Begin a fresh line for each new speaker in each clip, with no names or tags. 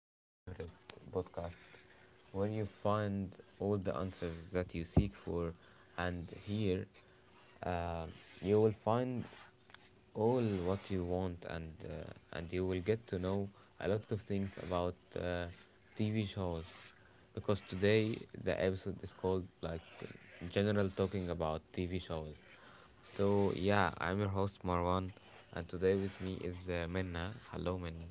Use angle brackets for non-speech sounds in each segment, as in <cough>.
to your favorite podcast where you find all the answers that you seek for. And here uh, you will find all what you want, and you will get to know a lot of things about TV shows because today the episode is called General Talking About TV Shows. So, yeah, I'm your host Marwan, and today with me is Minna. Hello, Minna.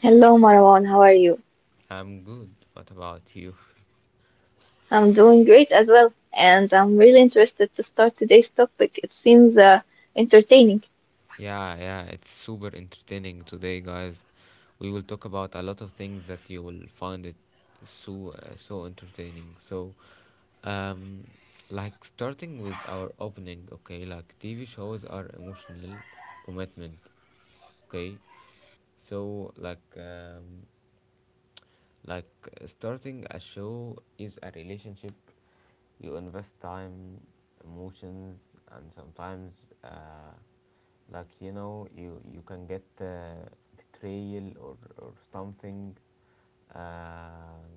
Hello, Marwan. How are you?
I'm good. What about you?
I'm doing great as well, and I'm really interested to start today's topic. It seems entertaining.
Yeah, yeah, it's super entertaining today, guys. We will talk about a lot of things that you will find it so entertaining. So, um, like starting with our opening, okay? Like TV shows are emotional commitment, okay? So, like, um, Like starting a show is a relationship. You invest time, emotions, and you can get betrayal or something. Um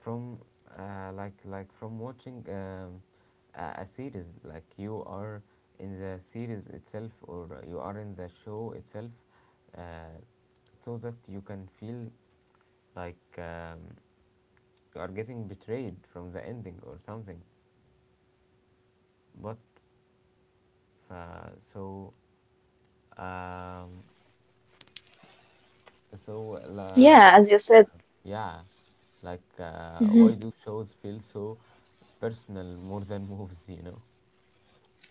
from Like from watching a series, like you are in the series itself or you are in the show itself uh, so that you can feel like um, you are getting betrayed from the ending or something but so um, so la,
Yeah, as you said.
yeah, like
Mhm.
why do shows feel so personal more than <laughs> movies?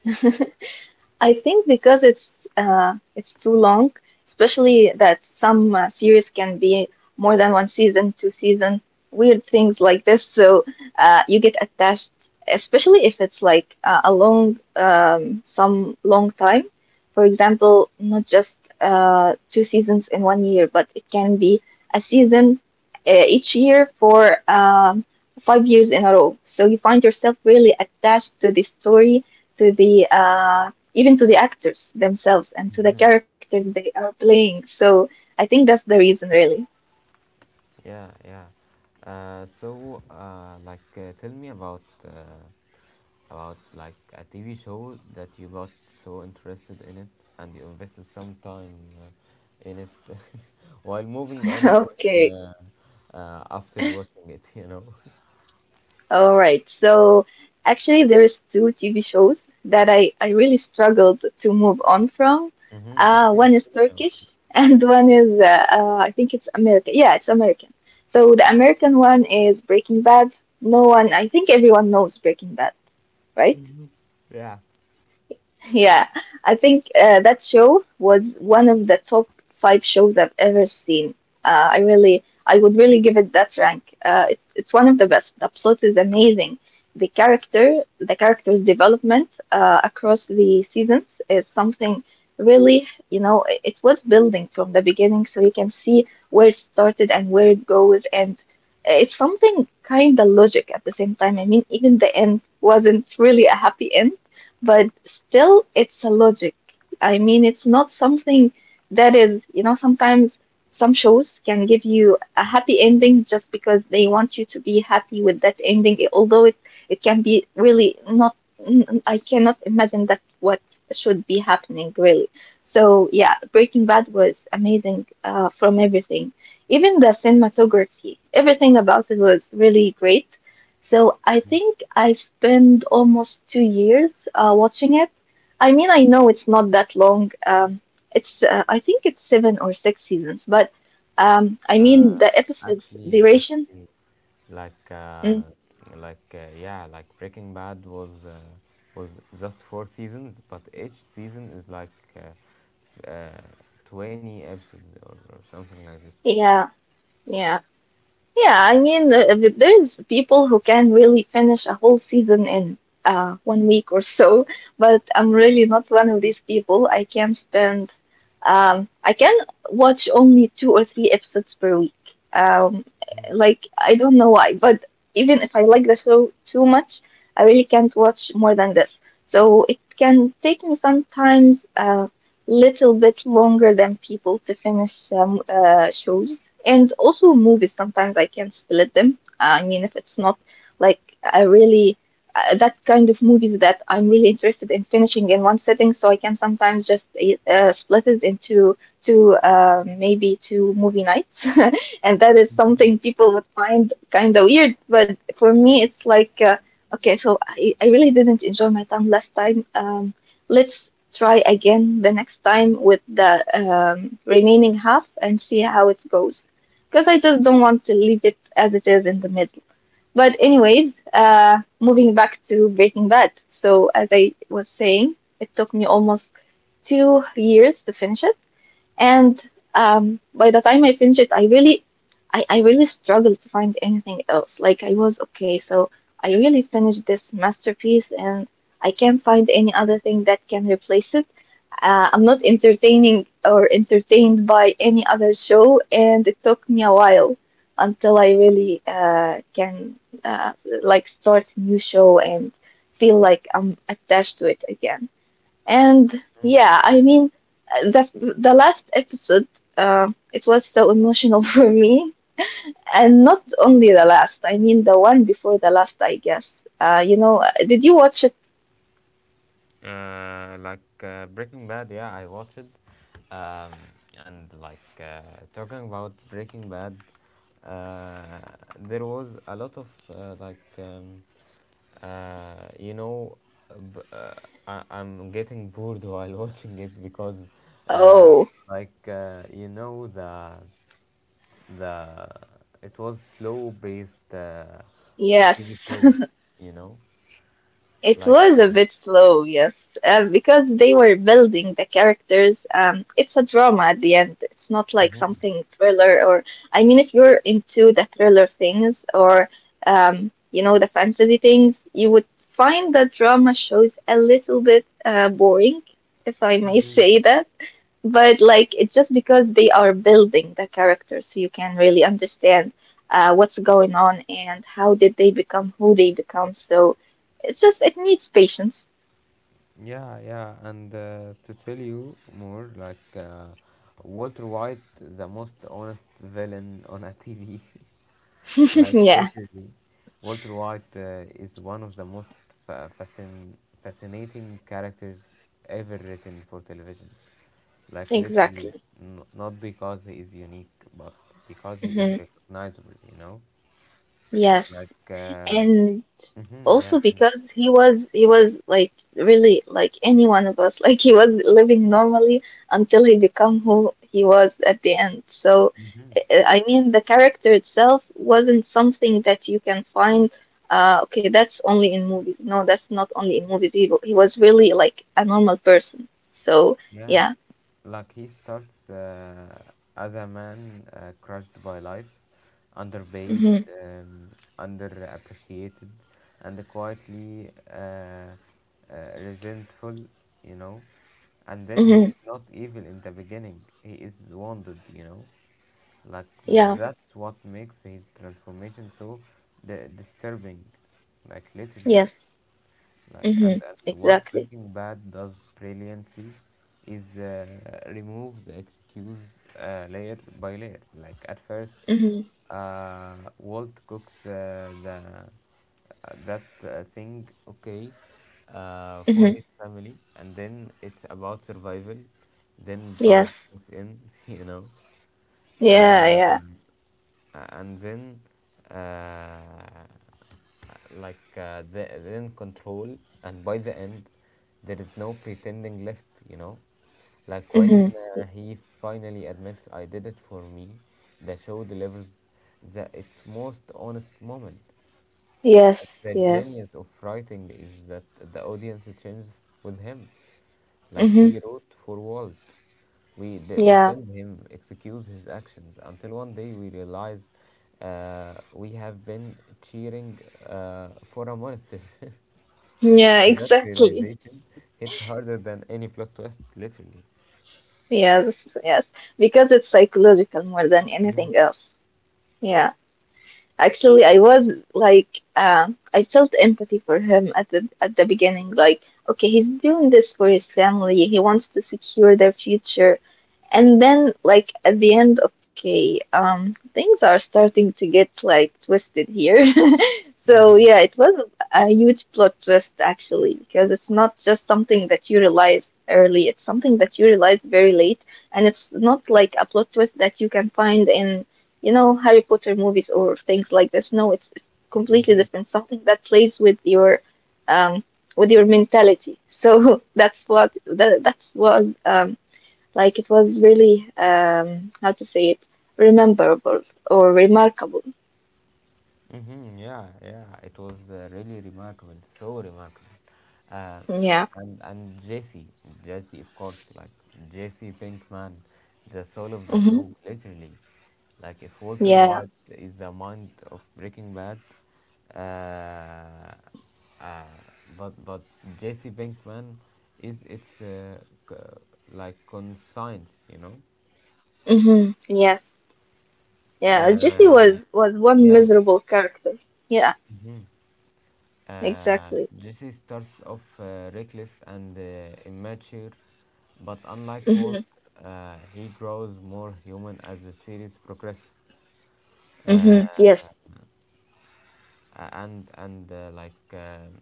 <laughs> I think because it's too long, especially that some series can be more than one season, two season, weird things like this. So you get attached, especially if it's like a long, some long time. For example, not just two seasons in 1 year, but it can be a season each year for 5 years in a row. So you find yourself really attached to the story to the even to the actors themselves and to the
Hmm
characters they are playing. So I think that's the reason, really.
Yeah, yeah. Tell me about like a TV show that you got so interested in it and you invested some time uh, in it. <laughs> While moving
<laughs>
on even
Okay,
after watching it, you know. <laughs>
all right. So actually, there is two TV shows that I really struggled to move on from.
Mm-hmm. Okay.
One is
Tell me about it.
Turkish and <laughs> one is I think it's American. Yeah, it's American. So the American one is Breaking Bad. No one, I think everyone knows Breaking Bad, right?
Yeah.
Yeah, I think that show was one of the top five shows I've ever seen. I would really give it that rank. It's one of the best. The plot is amazing. The character's development across the seasons is something really, you know, it was building from the beginning, so you can see where it started and where it goes, and it's something kind of logic at the same time. I mean, even the end wasn't really a happy end but still it's a logic. I mean, it's not something that is, you know, sometimes some shows can give you a happy ending just because they want you to be happy with that ending, although it can be really not, I cannot imagine that what should be happening really. So yeah, Breaking Bad was amazing from everything. Even the cinematography, everything about it was really great so I think I spent almost 2 years watching it. I mean, I know it's not that long. It's I think it's seven or six seasons, but I mean the episode
Actually,
duration.
actually. Like uh,
Mm,
like yeah, like Breaking Bad was was just four seasons, but each season is like uh, f- uh, 20 episodes or something like
yeah, yeah. Yeah, I mean, there's people who can really finish a whole season in 1 week or so, but I'm really not one of these people. I can watch only two or three episodes per week. Um, like, I don't know why, but even if I like the show too much, I really can't watch more than this. So it can take me sometimes. Little bit longer than people to finish shows. And also movies, sometimes I can split them. I mean, if it's not like I really that kind of movies that I'm really interested in finishing in one sitting, so I can sometimes just split it into maybe two movie nights, <laughs> and that is
this.
something people would find kind of weird. But for me, it's like. Okay, so I really didn't enjoy my time last time. Let's try again the next time with the remaining half and see how it goes. Because I just don't want to leave it as it is in the middle. But, anyways, moving back to Breaking Bad. So, as I was saying, it took me almost 2 years to finish it and by the time I finished it, I really, I really struggled to find anything else. Like I was okay, so I really finished this masterpiece, and I can't find any other thing that can replace it. I'm not entertaining or entertained by any other show, and it took me a while until I really can uh, like start a new show and feel like I'm attached to it again. And
Mhm.
yeah, I mean, the last episode, it was so emotional <laughs> for me, and not only the last. I mean, the one before the last, I guess. You know, did you watch it?
Breaking Bad, yeah, I watched it. Um, and like Talking about Breaking Bad, uh, there was a lot of like you know, b- I- I'm getting bored <laughs> while watching it because uh,
Oh,
you know, the it was slow based a
yes.
TV show, you know,
It
like.
was a
Uh,
bit slow, yes, because they were building the characters. It's a drama at the end. It's not like
mhm.
something thriller or, I mean, if you're into the thriller things or, you know, the fantasy things, you would find the drama shows a little bit boring, if I may <laughs>
Mhm.
say that but like it's just because they are building the characters so you can really understand what's going on and how did they become who they become so it's just it needs patience
Yeah, yeah, and to tell you more, like Walter White, the most honest villain on a TV, <laughs>
<laughs>
like
yeah,
literally, Walter White is one of the most fa- fascin- fascinating characters ever written for television. Like
exactly.
literally, not because he is unique, but because he is
Hmm,
recognizable. You know,
yes,
like uh,
and
hmm yeah.
also because he was like really like any one of us <laughs> like he was living normally until he became who he was at the end. So
Mm-hmm.
I mean the character itself wasn't something that you can find. Okay, that's only in movies. No, that's not only in movies. He was really like a normal person. So
Yeah,
yeah.
like he starts as a man crushed by life, underpaid,
Mm-hmm,
um, underappreciated, and quietly resentful, you know. And then he
mm-hmm,
is not evil in the beginning, he is wounded, you know. Like,
yeah,
that's what makes his transformation so disturbing, like, literally.
yes,
like and,
mm-hmm,
and what
exactly,
Breaking Bad does brilliantly is remove the excuse layer by layer. Like at first
mm-hmm,
Walt cooks the that thing, okay, for
mm-hmm,
his family, and then it's about survival, then pride
yes,
sinks in. <laughs> You know,
yeah,
uh,
yeah.
and then uh, like the, then control, and by the end there is no pretending left, you know. Like when
Mm-hmm.
he finally admits "I did it for me," the show delivers its most honest moment. Like,
Yes,
the
yes.
genius of writing is that the audience changes with him. Like
Hmm.
we wrote for Walt, we
Yeah.
defend him, excuse his actions, until one day we realize we have been cheering for a monster, <laughs>
Yeah,
and that
exactly.
realization hits harder than any plot twist, literally.
Yes, yes. Because it's psychological more than
Mm-hmm.
anything else. Yeah. Actually, I was like, I felt empathy for him at the beginning. Like, okay, he's doing this for his family. He wants to secure their future. And then, like, at the end, okay, things are starting to get, like, twisted here. <laughs> So, yeah, it was a huge plot twist, actually, because it's not just something that you realize early, it's something that you realize very late. And it's not like a plot twist that you can find in, you know, Harry Potter movies or things like this. No, it's completely
Mm-hmm.
different, something that plays um, with your mentality. So <laughs> that's what that that's was like it was really, how to say it, rememberable or remarkable.
hmm Yeah, yeah, it was really remarkable, so remarkable. Uh,
Yeah.
and Jesse, Jesse, of course, like Jesse Pinkman, the soul of the
Mm-hmm.
show, literally. Like if Walter
Yeah.
White is the mind of Breaking Bad, uh, uh, but Jesse Pinkman is its c- like conscience, you know.
Mm-hmm. Yes. Yeah. Jesse
Uh,
was one
yeah.
miserable character. Yeah.
hmm
Exactly.
Jesse starts off reckless and immature, but unlike Walt,
Mm-hmm.
he grows more human as the series progresses. Uh,
Mm-hmm. Yes.
and like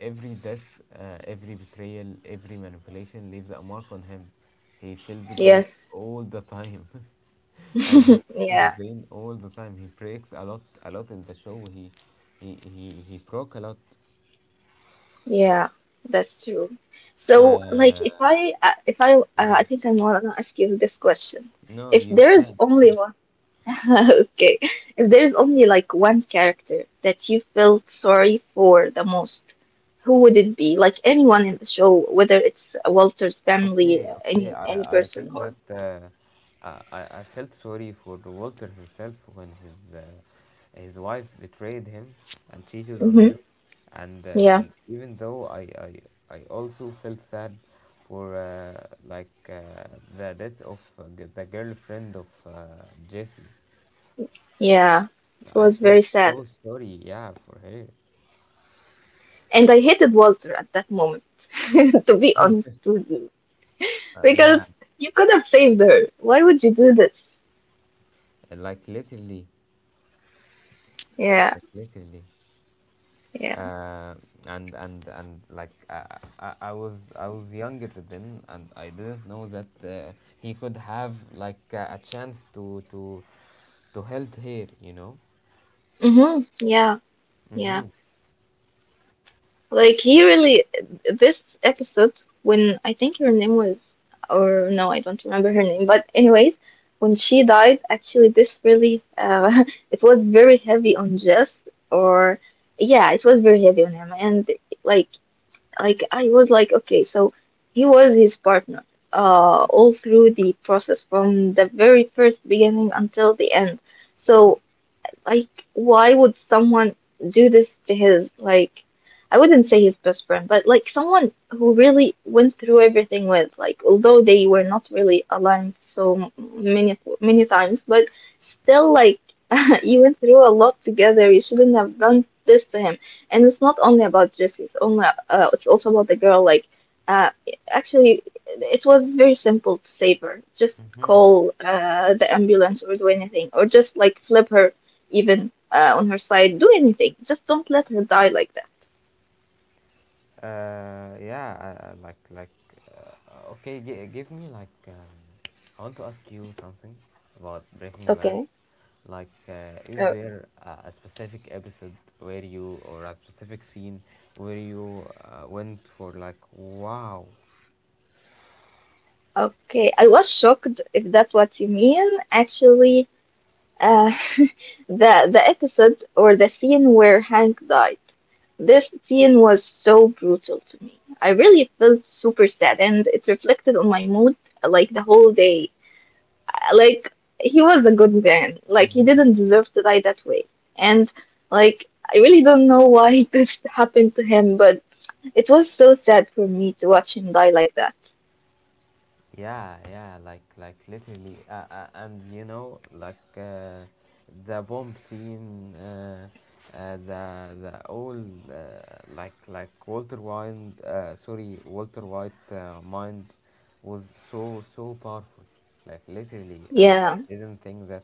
Every death, every betrayal, every manipulation leaves a mark on him. He feels guilt
Yes.
all the time, <laughs> and he feels
Yeah.
pain all the time. He breaks a lot in the show. He broke a lot.
Yeah. That's true. So, like,
Uh,
if I I
yeah.
think I want to ask you this question.
No,
If
you
there is
can.
only
Yeah.
one <laughs> Okay. If there's only like one character that you felt sorry for the most, who would it be? Like anyone in the show, whether it's Walter's family,
Okay, okay.
any
I
person
think
or
that I felt sorry for Walter himself when his wife betrayed him and cheated on
hmm.
him, and
Yeah,
even though I also felt sad for the death of the girlfriend of Jesse.
yeah. It was
I
very
felt
sad.
so sorry, yeah, for her.
And I hated Walter at that moment, <laughs> to be honest with you.
Yeah,
Because you could have saved her. Why would you do this?
like literally,
Yeah,
like literally.
yeah.
Uh, and like I was younger then, and I didn't know that he could have like a chance to to help here, you know.
Mm-hmm. Yeah,
Mhm.
yeah. Like he really this episode when I think her name was or no, I don't remember her name. But anyways, when she died, actually this really <laughs> it was very heavy on Jess or yeah, it was very heavy on him and like like I was like okay, so he was his partner all through the process from the very first beginning until the end. So like, why would someone do this to his, like, I wouldn't say his best friend, but like someone who really went through everything with, like, although they were not really aligned so many, many times, but still, like, <laughs> you went through a lot together. You shouldn't have done this to him. And it's not only about Jesse, it's only, it's also about the girl. Like, uh, actually, it was very simple to save her. Just
Mhm.
call the ambulance or do anything, or just like flip her even on her side. Do anything. Just don't let her die like that.
Yeah. I like Okay. G- give me like I want to ask you something about Breaking Bad.
Okay.
Like, is
Oh,
there a specific episode where you, or a specific scene where you went for like, wow?
okay. I was shocked if that's what you mean. Actually, uh, <laughs> the episode or the scene where Hank died. This scene was so brutal to me. I really felt super sad, and it reflected on my mood like the whole day. Like he was a good man. Like he didn't deserve to die that way. And like I really don't know why <laughs> this happened to him, but it was so sad for me to watch him die like that.
Yeah, yeah, like literally, and you know, like the bomb scene, the all like Walter White, sorry, Walter White mind was so so powerful. Like literally, I
Yeah,
didn't think that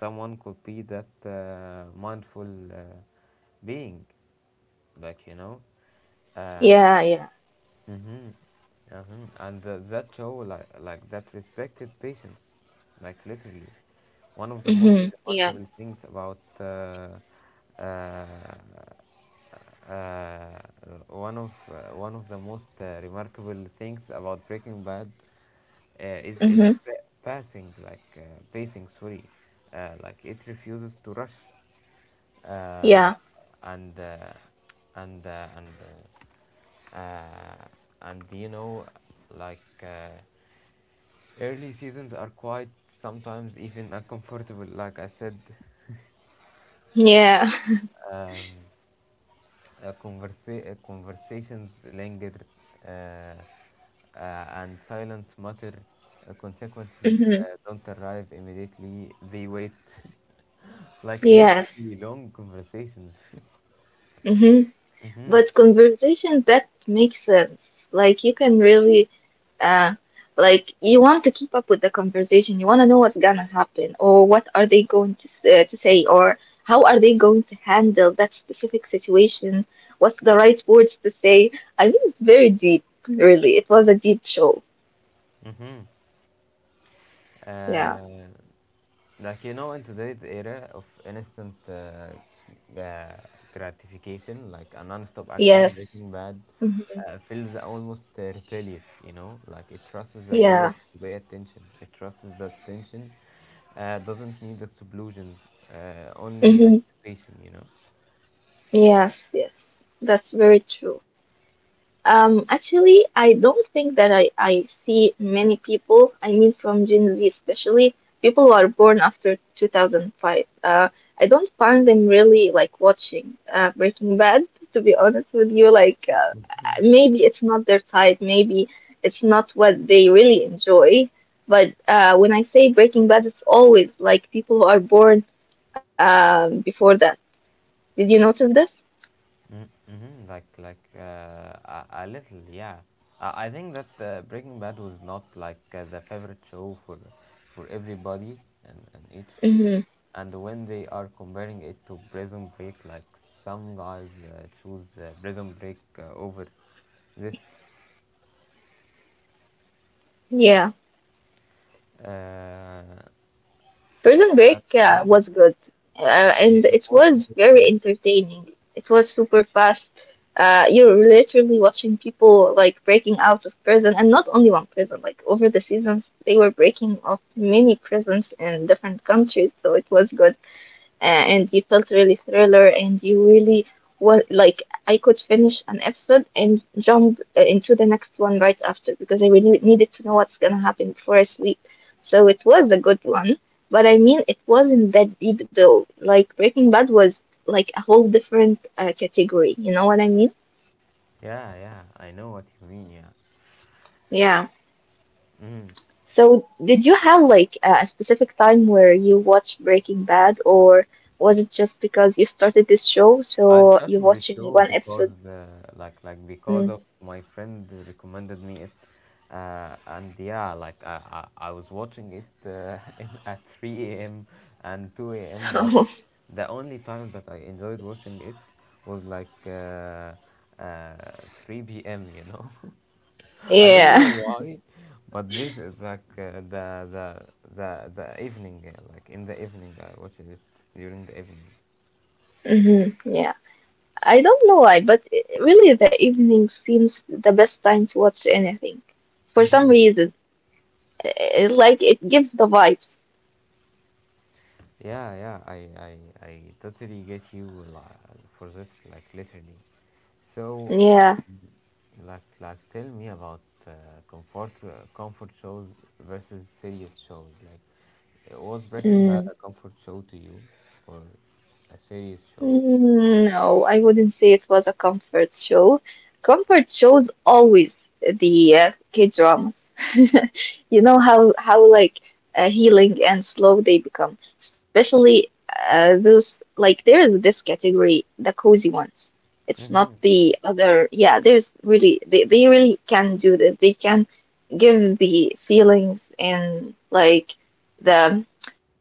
someone could be that mindful being, like you know. Um,
yeah, yeah.
Mm-hmm. huh. And that show, like that respected patience, like literally. One of the most
Mm-hmm. Yeah.
remarkable things about uh, uh, One of one of the most remarkable things about Breaking Bad is
Mm-hmm.
its pa- passing, like pacing. Sorry, like it refuses to rush,
Yeah.
uh, and uh, and uh, and uh, uh, and you know like early seasons are quite sometimes even uncomfortable, like I said. <laughs>
Yeah. <laughs>
um, Conversations linger, uh, and silence matter consequences
Mm-hmm.
don't arrive immediately, they wait. <laughs> Like
Yes.
literally long conversations.
Mm-hmm.
<laughs> hmm
But conversation that makes sense. Like you can really uh like you want to keep up with the conversation. You want to know what's gonna happen or what are they going to to say or how are they going to handle that specific situation? What's the right words to say? I mean, it's very deep, really. It was a deep show.
Mm-hmm.
Yeah.
Uh, like you know, in today's era of instant uh, gratification, like a non-stop action,
Yes.
Breaking Bad
Hmm.
feels almost rebellious. You know, like it trusts the viewer
Yeah.
to pay attention. It trusts that attention doesn't need explosions, only
Hmm.
anticipation. You know.
Yes. Yes. That's very true. Actually, I don't think that I see many people, I mean from Gen Z especially, people who are born after 2005. I don't find them really like watching Breaking Bad, to be honest with you. Like, maybe it's not their type, maybe it's not what they really enjoy. But when I say Breaking Bad, it's always like people who are born before that. Did you notice this?
Mm, mm-hmm. Like a little, yeah. I think that Breaking Bad was not like the favorite show for everybody and each.
Mm-hmm.
And when they are comparing it to Prison Break, like some guys choose Prison Break over this. Uh,
Prison Break
yeah,
was good,
you,
and
you
it
watch
was
Prison
very
Break?
entertaining. It was super fast. You're literally watching people like breaking out of prison, and not only one prison. Like over the seasons, they were breaking off many prisons in different countries, so it was good and you felt really thriller and you really were like I could finish an episode and jump into the next one right after because I really needed to know what's gonna happen before I sleep. So it was a good one, but I mean it wasn't that deep though. Like Breaking Bad was like a whole different category. You know what I mean?
Yeah, yeah. I know what you mean. Yeah.
Yeah.
Mm.
So did you have like a specific time where you watched Breaking Bad, or was it just because you started this show,
I
so you're
started the
watching
show
one
because
episode?
like because of
Mm.
my friend recommended me it, and yeah, I was watching it <laughs> in, at 3 a.m. and 2
<laughs>
a.m. But
Oh,
the only times that I enjoyed watching it was uh, 3 p.m. You know, <laughs> I don't know
yeah.
why, but this is like the evening, like in the evening I watched it, during the evening.
Hmm. Yeah. I don't know why, but really the evening seems the best time to watch anything. For some reason, like it gives the vibes.
Yeah, yeah, I totally get you for this, like literally. So,
Yeah.
like, tell me about uh, comfort shows versus serious shows. Like, was Breaking Bad
Mm.
a comfort show to you, or a serious show?
Mm, no, I wouldn't say it was a comfort show. Comfort shows always the K-dramas. <laughs> You know how how healing and slow they become, especially those like there is this category, the cozy ones. It's not
Mm-hmm.
the other. Yeah, there's really they really can do this. They can give the feelings and like the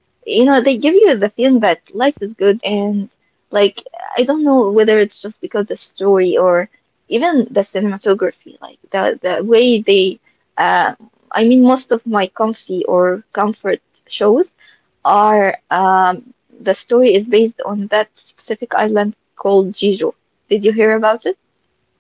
you know, they give you the feeling that life is good and like I don't know whether it's just because the story or even the cinematography, like the way they uh I mean most of my comfy or comfort shows are the story is based on that specific island called Jeju. Did you hear about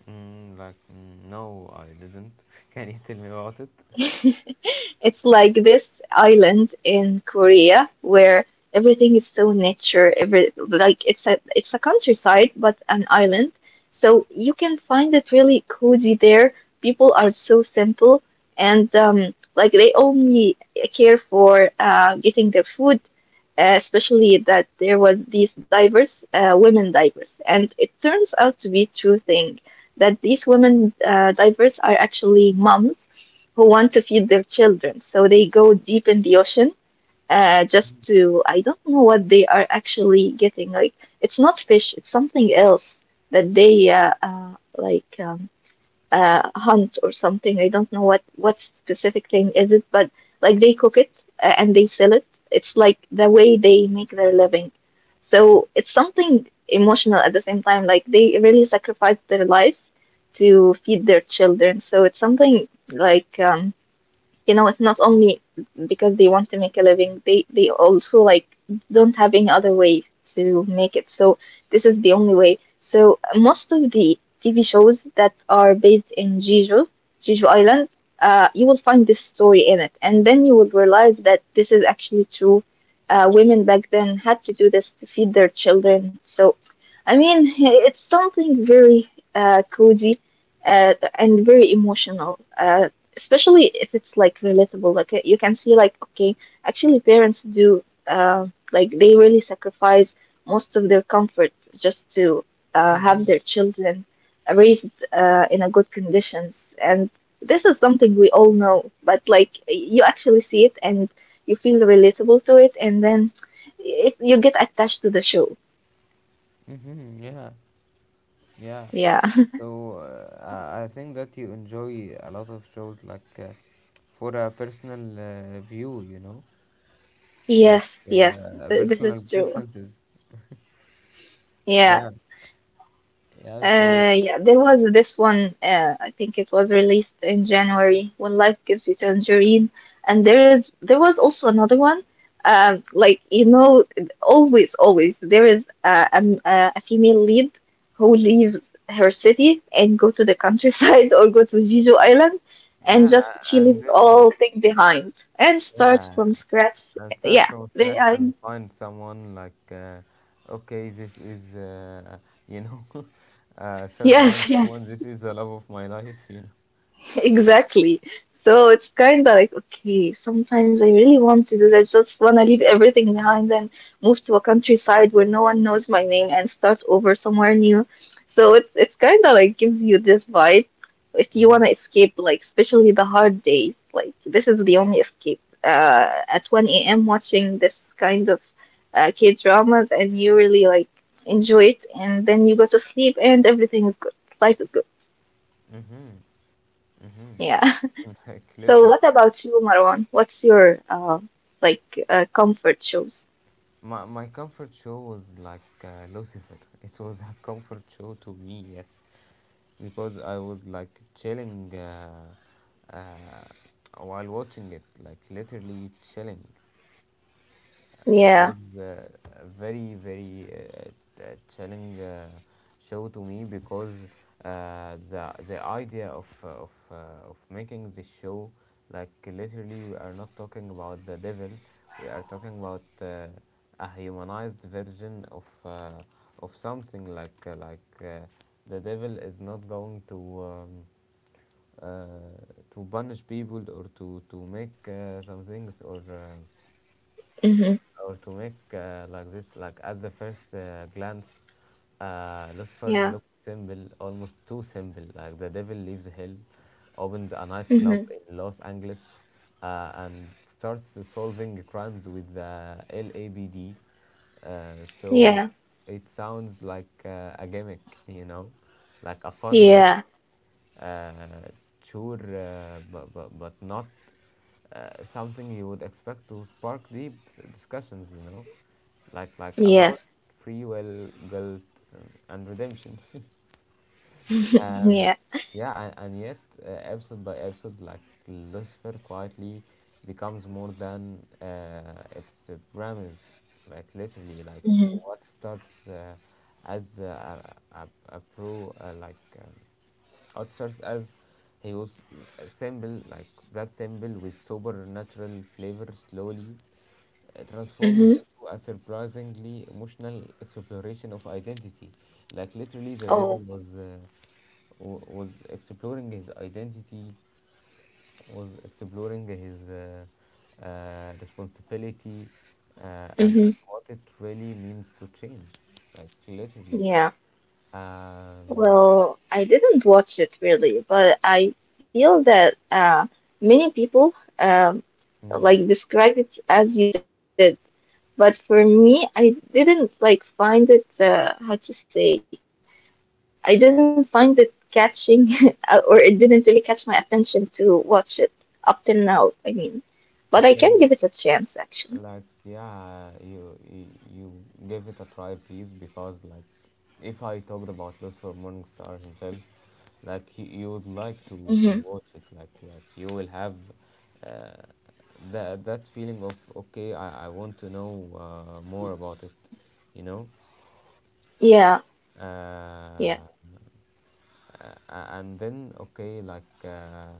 Mm, like, mm, no, I didn't. <laughs> Can you tell me about it?
it? <laughs> It's like this island in Korea where everything is so nature, every like it's a countryside but an island. So you can find it really cozy there. People are so simple and like they only care for getting their food especially that there was these divers, women divers, and it turns out to be true thing that these women divers are actually moms who want to feed their children. So they go deep in the ocean just to, I don't know what they are actually getting. Like, it's not fish, it's something else that they like. Hunt or something. I don't know what specific thing is it, but like they cook it and they sell it. It's like the way they make their living. So it's something emotional at the same time. Like they really sacrifice their lives to feed their children. So it's something like you know, it's not only because they want to make a living, they also like don't have any other way to make it. So this is the only way. So most of the TV shows that are based in Jeju, Jeju Island, you will find this story in it, and then you will realize that this is actually true. Women back then had to do this to feed their children. So, I mean, it's something very cozy and very emotional. Especially if it's like relatable like you can see like okay actually parents do like they really sacrifice most of their comfort just to have
Mm-hmm.
their children raised in a good conditions and this is something we all know but like you actually see it and you feel relatable to it and then it, you get attached to the show.
Mm-hmm. Yeah. Yeah.
Yeah.
So I think that you enjoy a lot of shows like for a personal view, you know,
<laughs>
like
Yes, yes, this
personal
is true.
preferences.
Yeah.
Yeah, yeah. So
Yeah, there was this one, I think it was released in January, When Life Gives You Tangerine. And there was also another one. Like you know, always, always there is a female lead who leaves her city and go to the countryside <laughs> or go to Jeju Island, and
yeah,
just she
and
leaves
then
all thing behind and start
yeah,
from scratch.
and start
Yeah,
from
they,
scratch
I
and find someone like okay, this is you know, <laughs> start to find
Yes, <laughs> yes.
someone. This is the love of my life, you know.
Exactly. So it's kind of like, okay, sometimes I really want to do that. Just want to leave everything behind and move to a countryside where no one knows my name and start over somewhere new. So it's kind of like gives you this vibe if you
Mm-hmm.
want to escape, like especially the hard days. Like this is the only escape. At 1 a.m. watching this kind of K-dramas and you really like enjoy it, and then you go to sleep and everything is good. Life is good.
Mm-hmm.
Yeah. <laughs>
Mm-hmm.
So what
<laughs>
about you, Marwan? What's your like comfort shows?
My comfort show was like Lucifer. It was a comfort show to me, yes, because I was like chilling uh, while watching it, like literally chilling. It
Yeah.
was a very, very t- uh, challenging show to me because the idea of of making this show, like literally, we are not talking about the devil, we are talking about a humanized version of something like the devil is not going to. Uh, to punish people or to make some things
Mm-hmm.
or to make like this, like at the first glance, Lucifer
Yeah.
looks simple, almost too simple. Like, the devil leaves hell, opens a nightclub
Mm-hmm.
in Los Angeles, and starts solving crimes with the LABD, uh, so
Yeah.
it sounds like a gimmick, you know, like a fun word,
Yeah.
uh, sure, but not something you would expect to spark deep discussions, like about
Yes.
free will, guilt, and redemption. <laughs> Um,
Yeah.
yeah, and yet, episode by episode, like Lucifer quietly becomes more than its premise. Like, literally, like,
Mm-hmm.
what starts as like, oysters, as he was simple, like, that simple, with sober, natural flavor, slowly transforms
Mm-hmm.
into a surprisingly emotional exploration of identity. Like, literally, the devil
Oh.
was was exploring his identity, was exploring his responsibility and,
Mm-hmm.
and what it really means to change, like literally.
Yeah.
um,
Well, I didn't watch it really, but I feel that many people um,
mm.
like described it as you did. But for me, I didn't like find it, how to say, I didn't find it catching, <laughs> or it didn't really catch my attention to watch it up till now, I mean. But I can give it a chance,
Okay,
actually.
like, yeah, you give it a try, please, because, like, if I talked about Lucifer Morningstar himself, like, you would like
Hmm.
to watch it, like, you will have uh, that feeling of, okay, I want to know more about it you know
Yeah, yeah,
uh, a- and then, okay, like,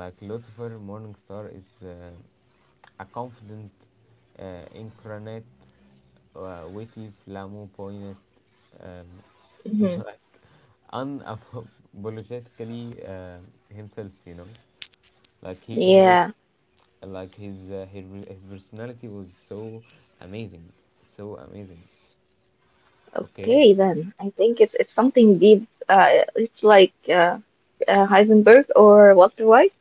like, Lucifer Morningstar is a confident incarnate, witty, flamboyant, um, <laughs>
hmm,
unapologetically himself. You know, like he was,
yeah.
like his his personality was so amazing, so amazing. Okay.
Okay, then. I think it's something deep. It's like Heisenberg or Walter White.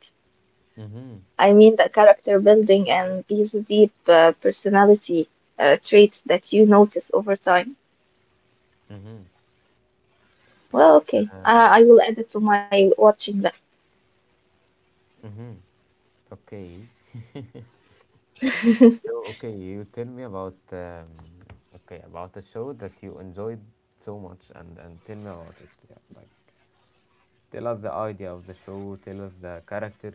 Mhm.
I mean, the character building and these deep personality traits that you notice over time.
Mhm.
Well, okay. I will add it to my watching list.
Mhm. Okay. So,
<laughs>
okay, you tell me about okay, about a show that you enjoyed so much, and tell me about it. Yeah, like. Tell us the idea of the
Enjoy.
show. Tell us the character,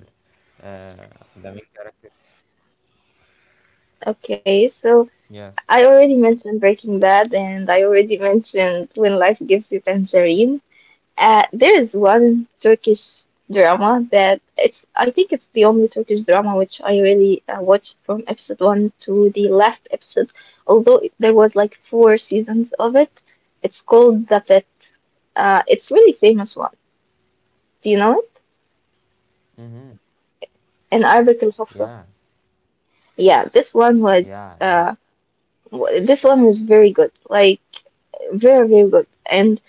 uh, the main character.
Okay, so
Yeah.
I already mentioned Breaking Bad, and I already mentioned When Life Gives You Tangerine. There is one Turkish drama that it's. I think it's the only Turkish drama which I really watched from episode one to the last episode, although there was like four seasons of it. It's called The Pet. It's really famous one. Do you know it?
Mm-hmm.
In Arabic,
Yeah.
yeah, this one was
Yeah. Yeah.
uh this one was very good, like very very good, and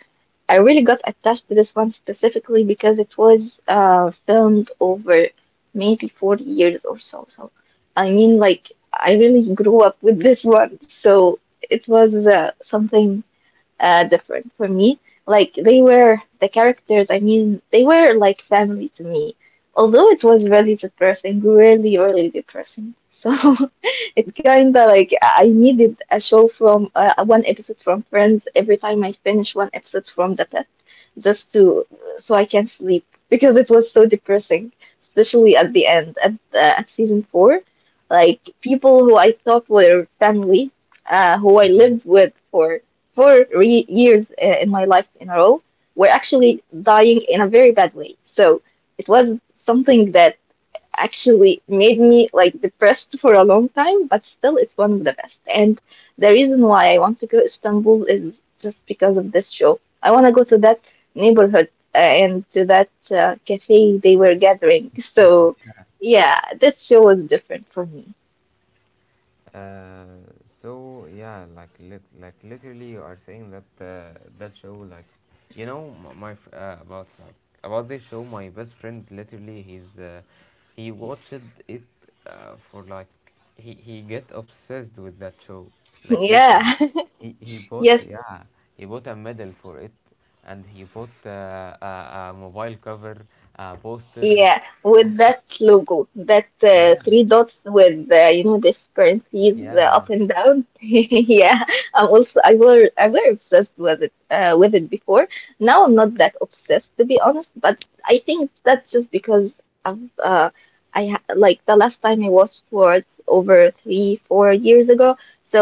I really got attached to this one specifically because it was filmed over maybe 40 years or so. So I mean, like I really grew up with this one, so it was something different for me. Like they were the characters. I mean, they were like family to me. Although it was really depressing, really, really depressing. So <laughs> it kind of like I needed a show from one episode from Friends every time I finish one episode from The Pet, just to so I can sleep because it was so depressing, especially at the end at season four. Like people who I thought were family, who I lived with for four years in my life in a row were actually dying in a very bad way. So it was something that actually made me like depressed for a long time, but still it's one of the best. And the reason why I want to go to Istanbul is just because of this show. I want to go to that neighborhood and to that cafe they were gathering. So yeah, that show was different for me. <laughs>
Uh, so, yeah, like, like literally, you are saying that that show, like, you know, about, like, about this show. My best friend, literally, he's he watched it for like, he get obsessed with that show, like literally,
Yeah.
he
<laughs>
bought,
Yes,
yeah, he bought a medal for it, and he bought a mobile cover, a poster,
yeah, with that logo, that
yeah,
three dots with you know this parentheses
yeah, yeah,
up and down. <laughs> Yeah, I'm also I were obsessed with it with it before. Now I'm not that obsessed to be honest, but I think that's just because I've I ha like the last time I watched was over 3 4 years ago. So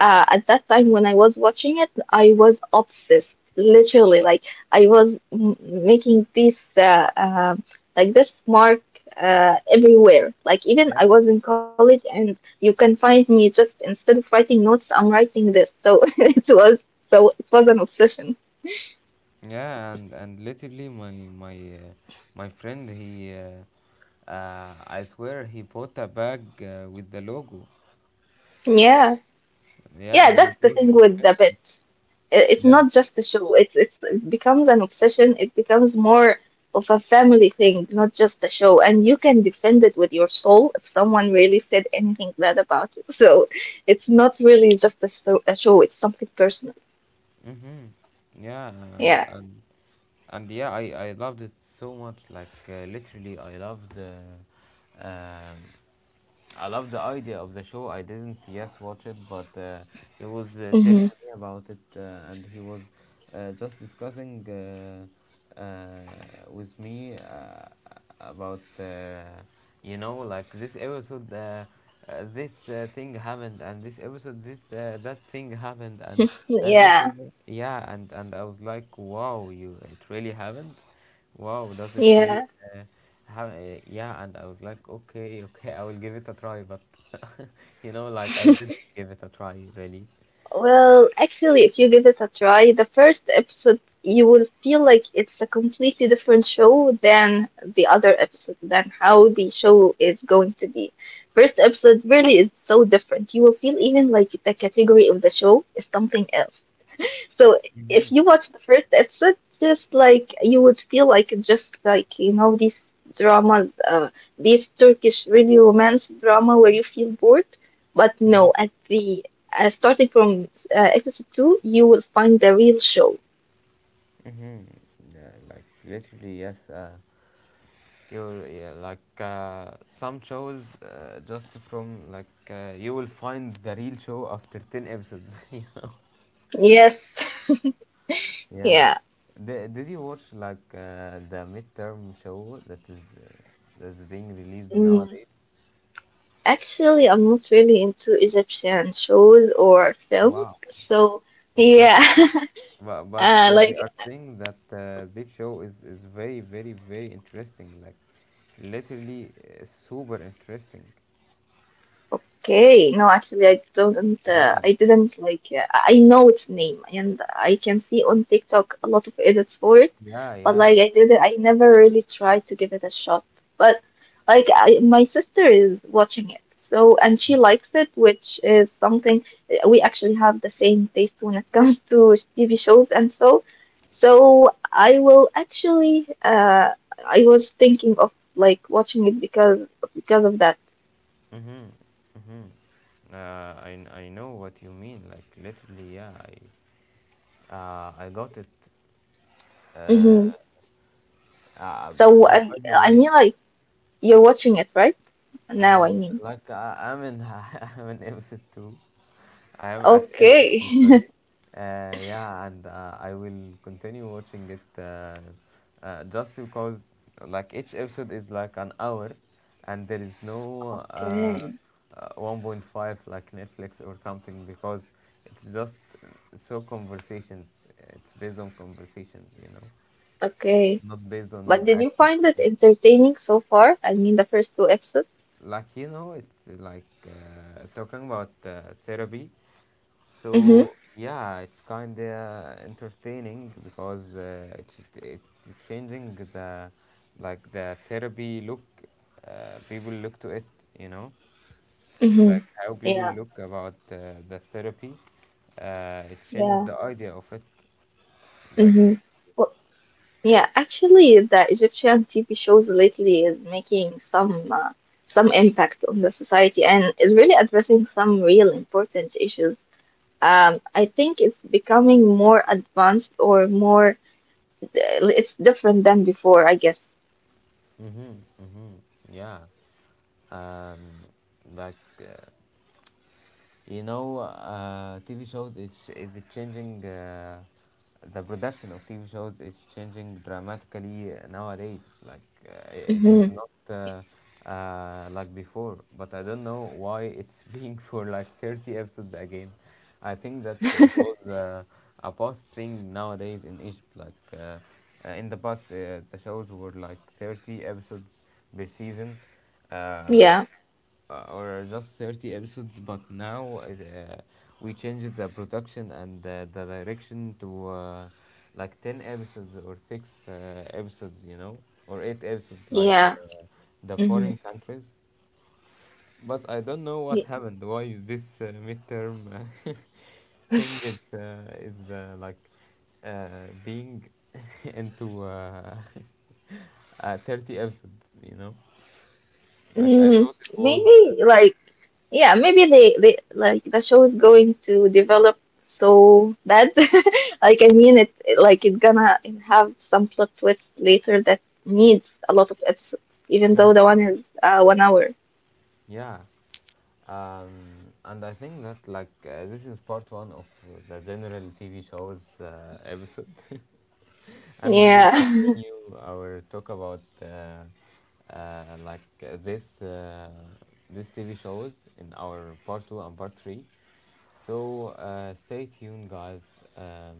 at that time when I was watching it, I was obsessed, literally like. I was making these like this mark everywhere. Like even
yeah.
I was in college, and you can find me just instead of writing notes, I'm writing this. So <laughs> it was so it was an obsession.
Yeah, and literally, my uh, my friend, he I swear, he bought a bag with the logo.
Yeah,
Yeah,
yeah,
and it
that's the
was
thing with
expensive.
the bit. It's
Yeah.
not just a show. It's it becomes an obsession. It becomes more of a family thing, not just a show. And you can defend it with your soul if someone really said anything bad about it. So it's not really just a show. A show. It's something personal.
Mhm. Yeah, and
Yeah.
and and yeah, I loved it so much. Like, literally, I loved I love the idea of the show. I didn't, yes, watch it, but he was
Mm-hmm.
telling me about it, and he was just discussing with me about you know, like, this episode, this thing happened, and this episode, this that thing happened, and this
Yeah.
is, yeah, and I was like, wow, you, it really happened. Wow, does it really?
Yeah.
Uh, yeah, and I was like, okay, okay, I will give it a try, but <laughs> you know, like, I didn't give it a try, really.
Well, actually, if you give it a try, the first episode, you will feel like it's a completely different show than the other episode, than how the show is going to be. First episode really is so different. You will feel even like the category of the show is something else. So
Mm-hmm,
if you watch the first episode, just like you would feel like it's just like you know these dramas, these Turkish really romance drama where you feel bored. But
mm-hmm,
no, at the starting from episode two, you will find the real show.
mm-hmm. Yeah, like, literally, yes. You're, yeah, like, some shows, just from, like, you will find the real show after 10 episodes. <laughs> You know.
Yes,
Yeah.
yeah.
Did you watch, like, the midterm show that is that's being released
Mm.
nowadays?
Actually, I'm not really into Egyptian shows or
Wow.
films, so
Okay.
yeah. <laughs>
But
Uh,
they
like
are saying that this show is very, very, very interesting. Like, literally, super interesting.
Okay, no, actually, I don't.
Yeah.
I didn't like. I know its name, and I can see on TikTok a lot of edits for it.
Yeah.
But
Yeah.
like, I didn't. I never really tried to give it a shot. But like, I, my sister is watching it, so and she likes it, which is something we actually have the same taste when it <laughs> comes to TV shows, and so, so I will actually. I was thinking of like watching it because of that.
Mhm. Mhm. I know what you mean. Like, literally. Yeah. I got it. Uh,
So
but, by the
I
way.
mean, like you're watching it, right? Now, I mean.
Like, I'm in <laughs> I'm in episode two. I am at episode
Okay.
two. Sorry.
<laughs>
Yeah, and I will continue watching it, just because, like, each episode is like an hour, and there is no
Okay.
1.5 like Netflix or something, because it's just uh, so conversations. It's based on conversations, you know,
Okay.
not based
But
on
did you
actions
find
or
it
something.
entertaining so far? I mean, the first two episodes.
Like, you know, it's like, talking about therapy.
Mm-hmm.
So yeah, it's kind of entertaining because, it's changing the, like, the therapy look, people look to it, you know,
Mm-hmm.
like, how people
Yeah.
look about the therapy, it changed
Yeah.
the idea of it,
Mm-hmm.
like.
Well, yeah. Actually, the Egyptian TV shows lately is making some impact on the society and is really addressing some real important issues. I think it's becoming more advanced or more. It's different than before, I guess.
Mm-hmm, mm-hmm, yeah. um, like, you know, TV shows is changing. The production of TV shows is changing dramatically nowadays. Like, uh, it is
Hmm.
not like before. But I don't know why it's <laughs> being for like 30 episodes again. I think that it was a past thing nowadays in Egypt. Like, in the past, the shows were like 30 episodes per season. Uh,
Yeah.
or just 30 episodes, but now, we changed the production and the direction to, like, 10 episodes or 6 episodes, you know, or 8 episodes, like
Yeah.
uh, the
Hmm.
foreign countries. But I don't know what happened, why this midterm <laughs> thing is, like, being <laughs> into <laughs> 30 episodes, you know. Like, I
Mm,
thought it was
maybe like yeah, maybe they like the show is going to develop so bad. <laughs> Like I mean it like it's gonna have some plot twist later that needs a lot of episodes, even though
Mhm.
the one is 1 hour.
Yeah. And I think that, like, this is part one of the general TV shows episode, <laughs> and we will
Yeah. <laughs>
continue our talk about like, this TV shows in our part two and part three. So, stay tuned, guys, um,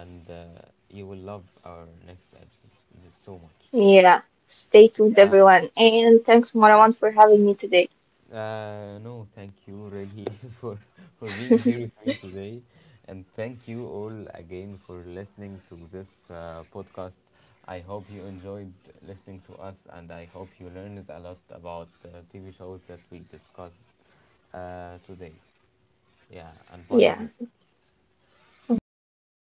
and you will love our next episode so much.
Yeah. Stay tuned
Yeah.
everyone and thanks Marwan for having me today.
No, thank you, really, <laughs> for for being here with me today, and thank you all again for listening to this podcast. I hope you enjoyed listening to us, and I hope you learned a lot about TV shows that we discussed today. Yeah, and
Yeah.
bye, everyone.
Bye. Goodbye everyone.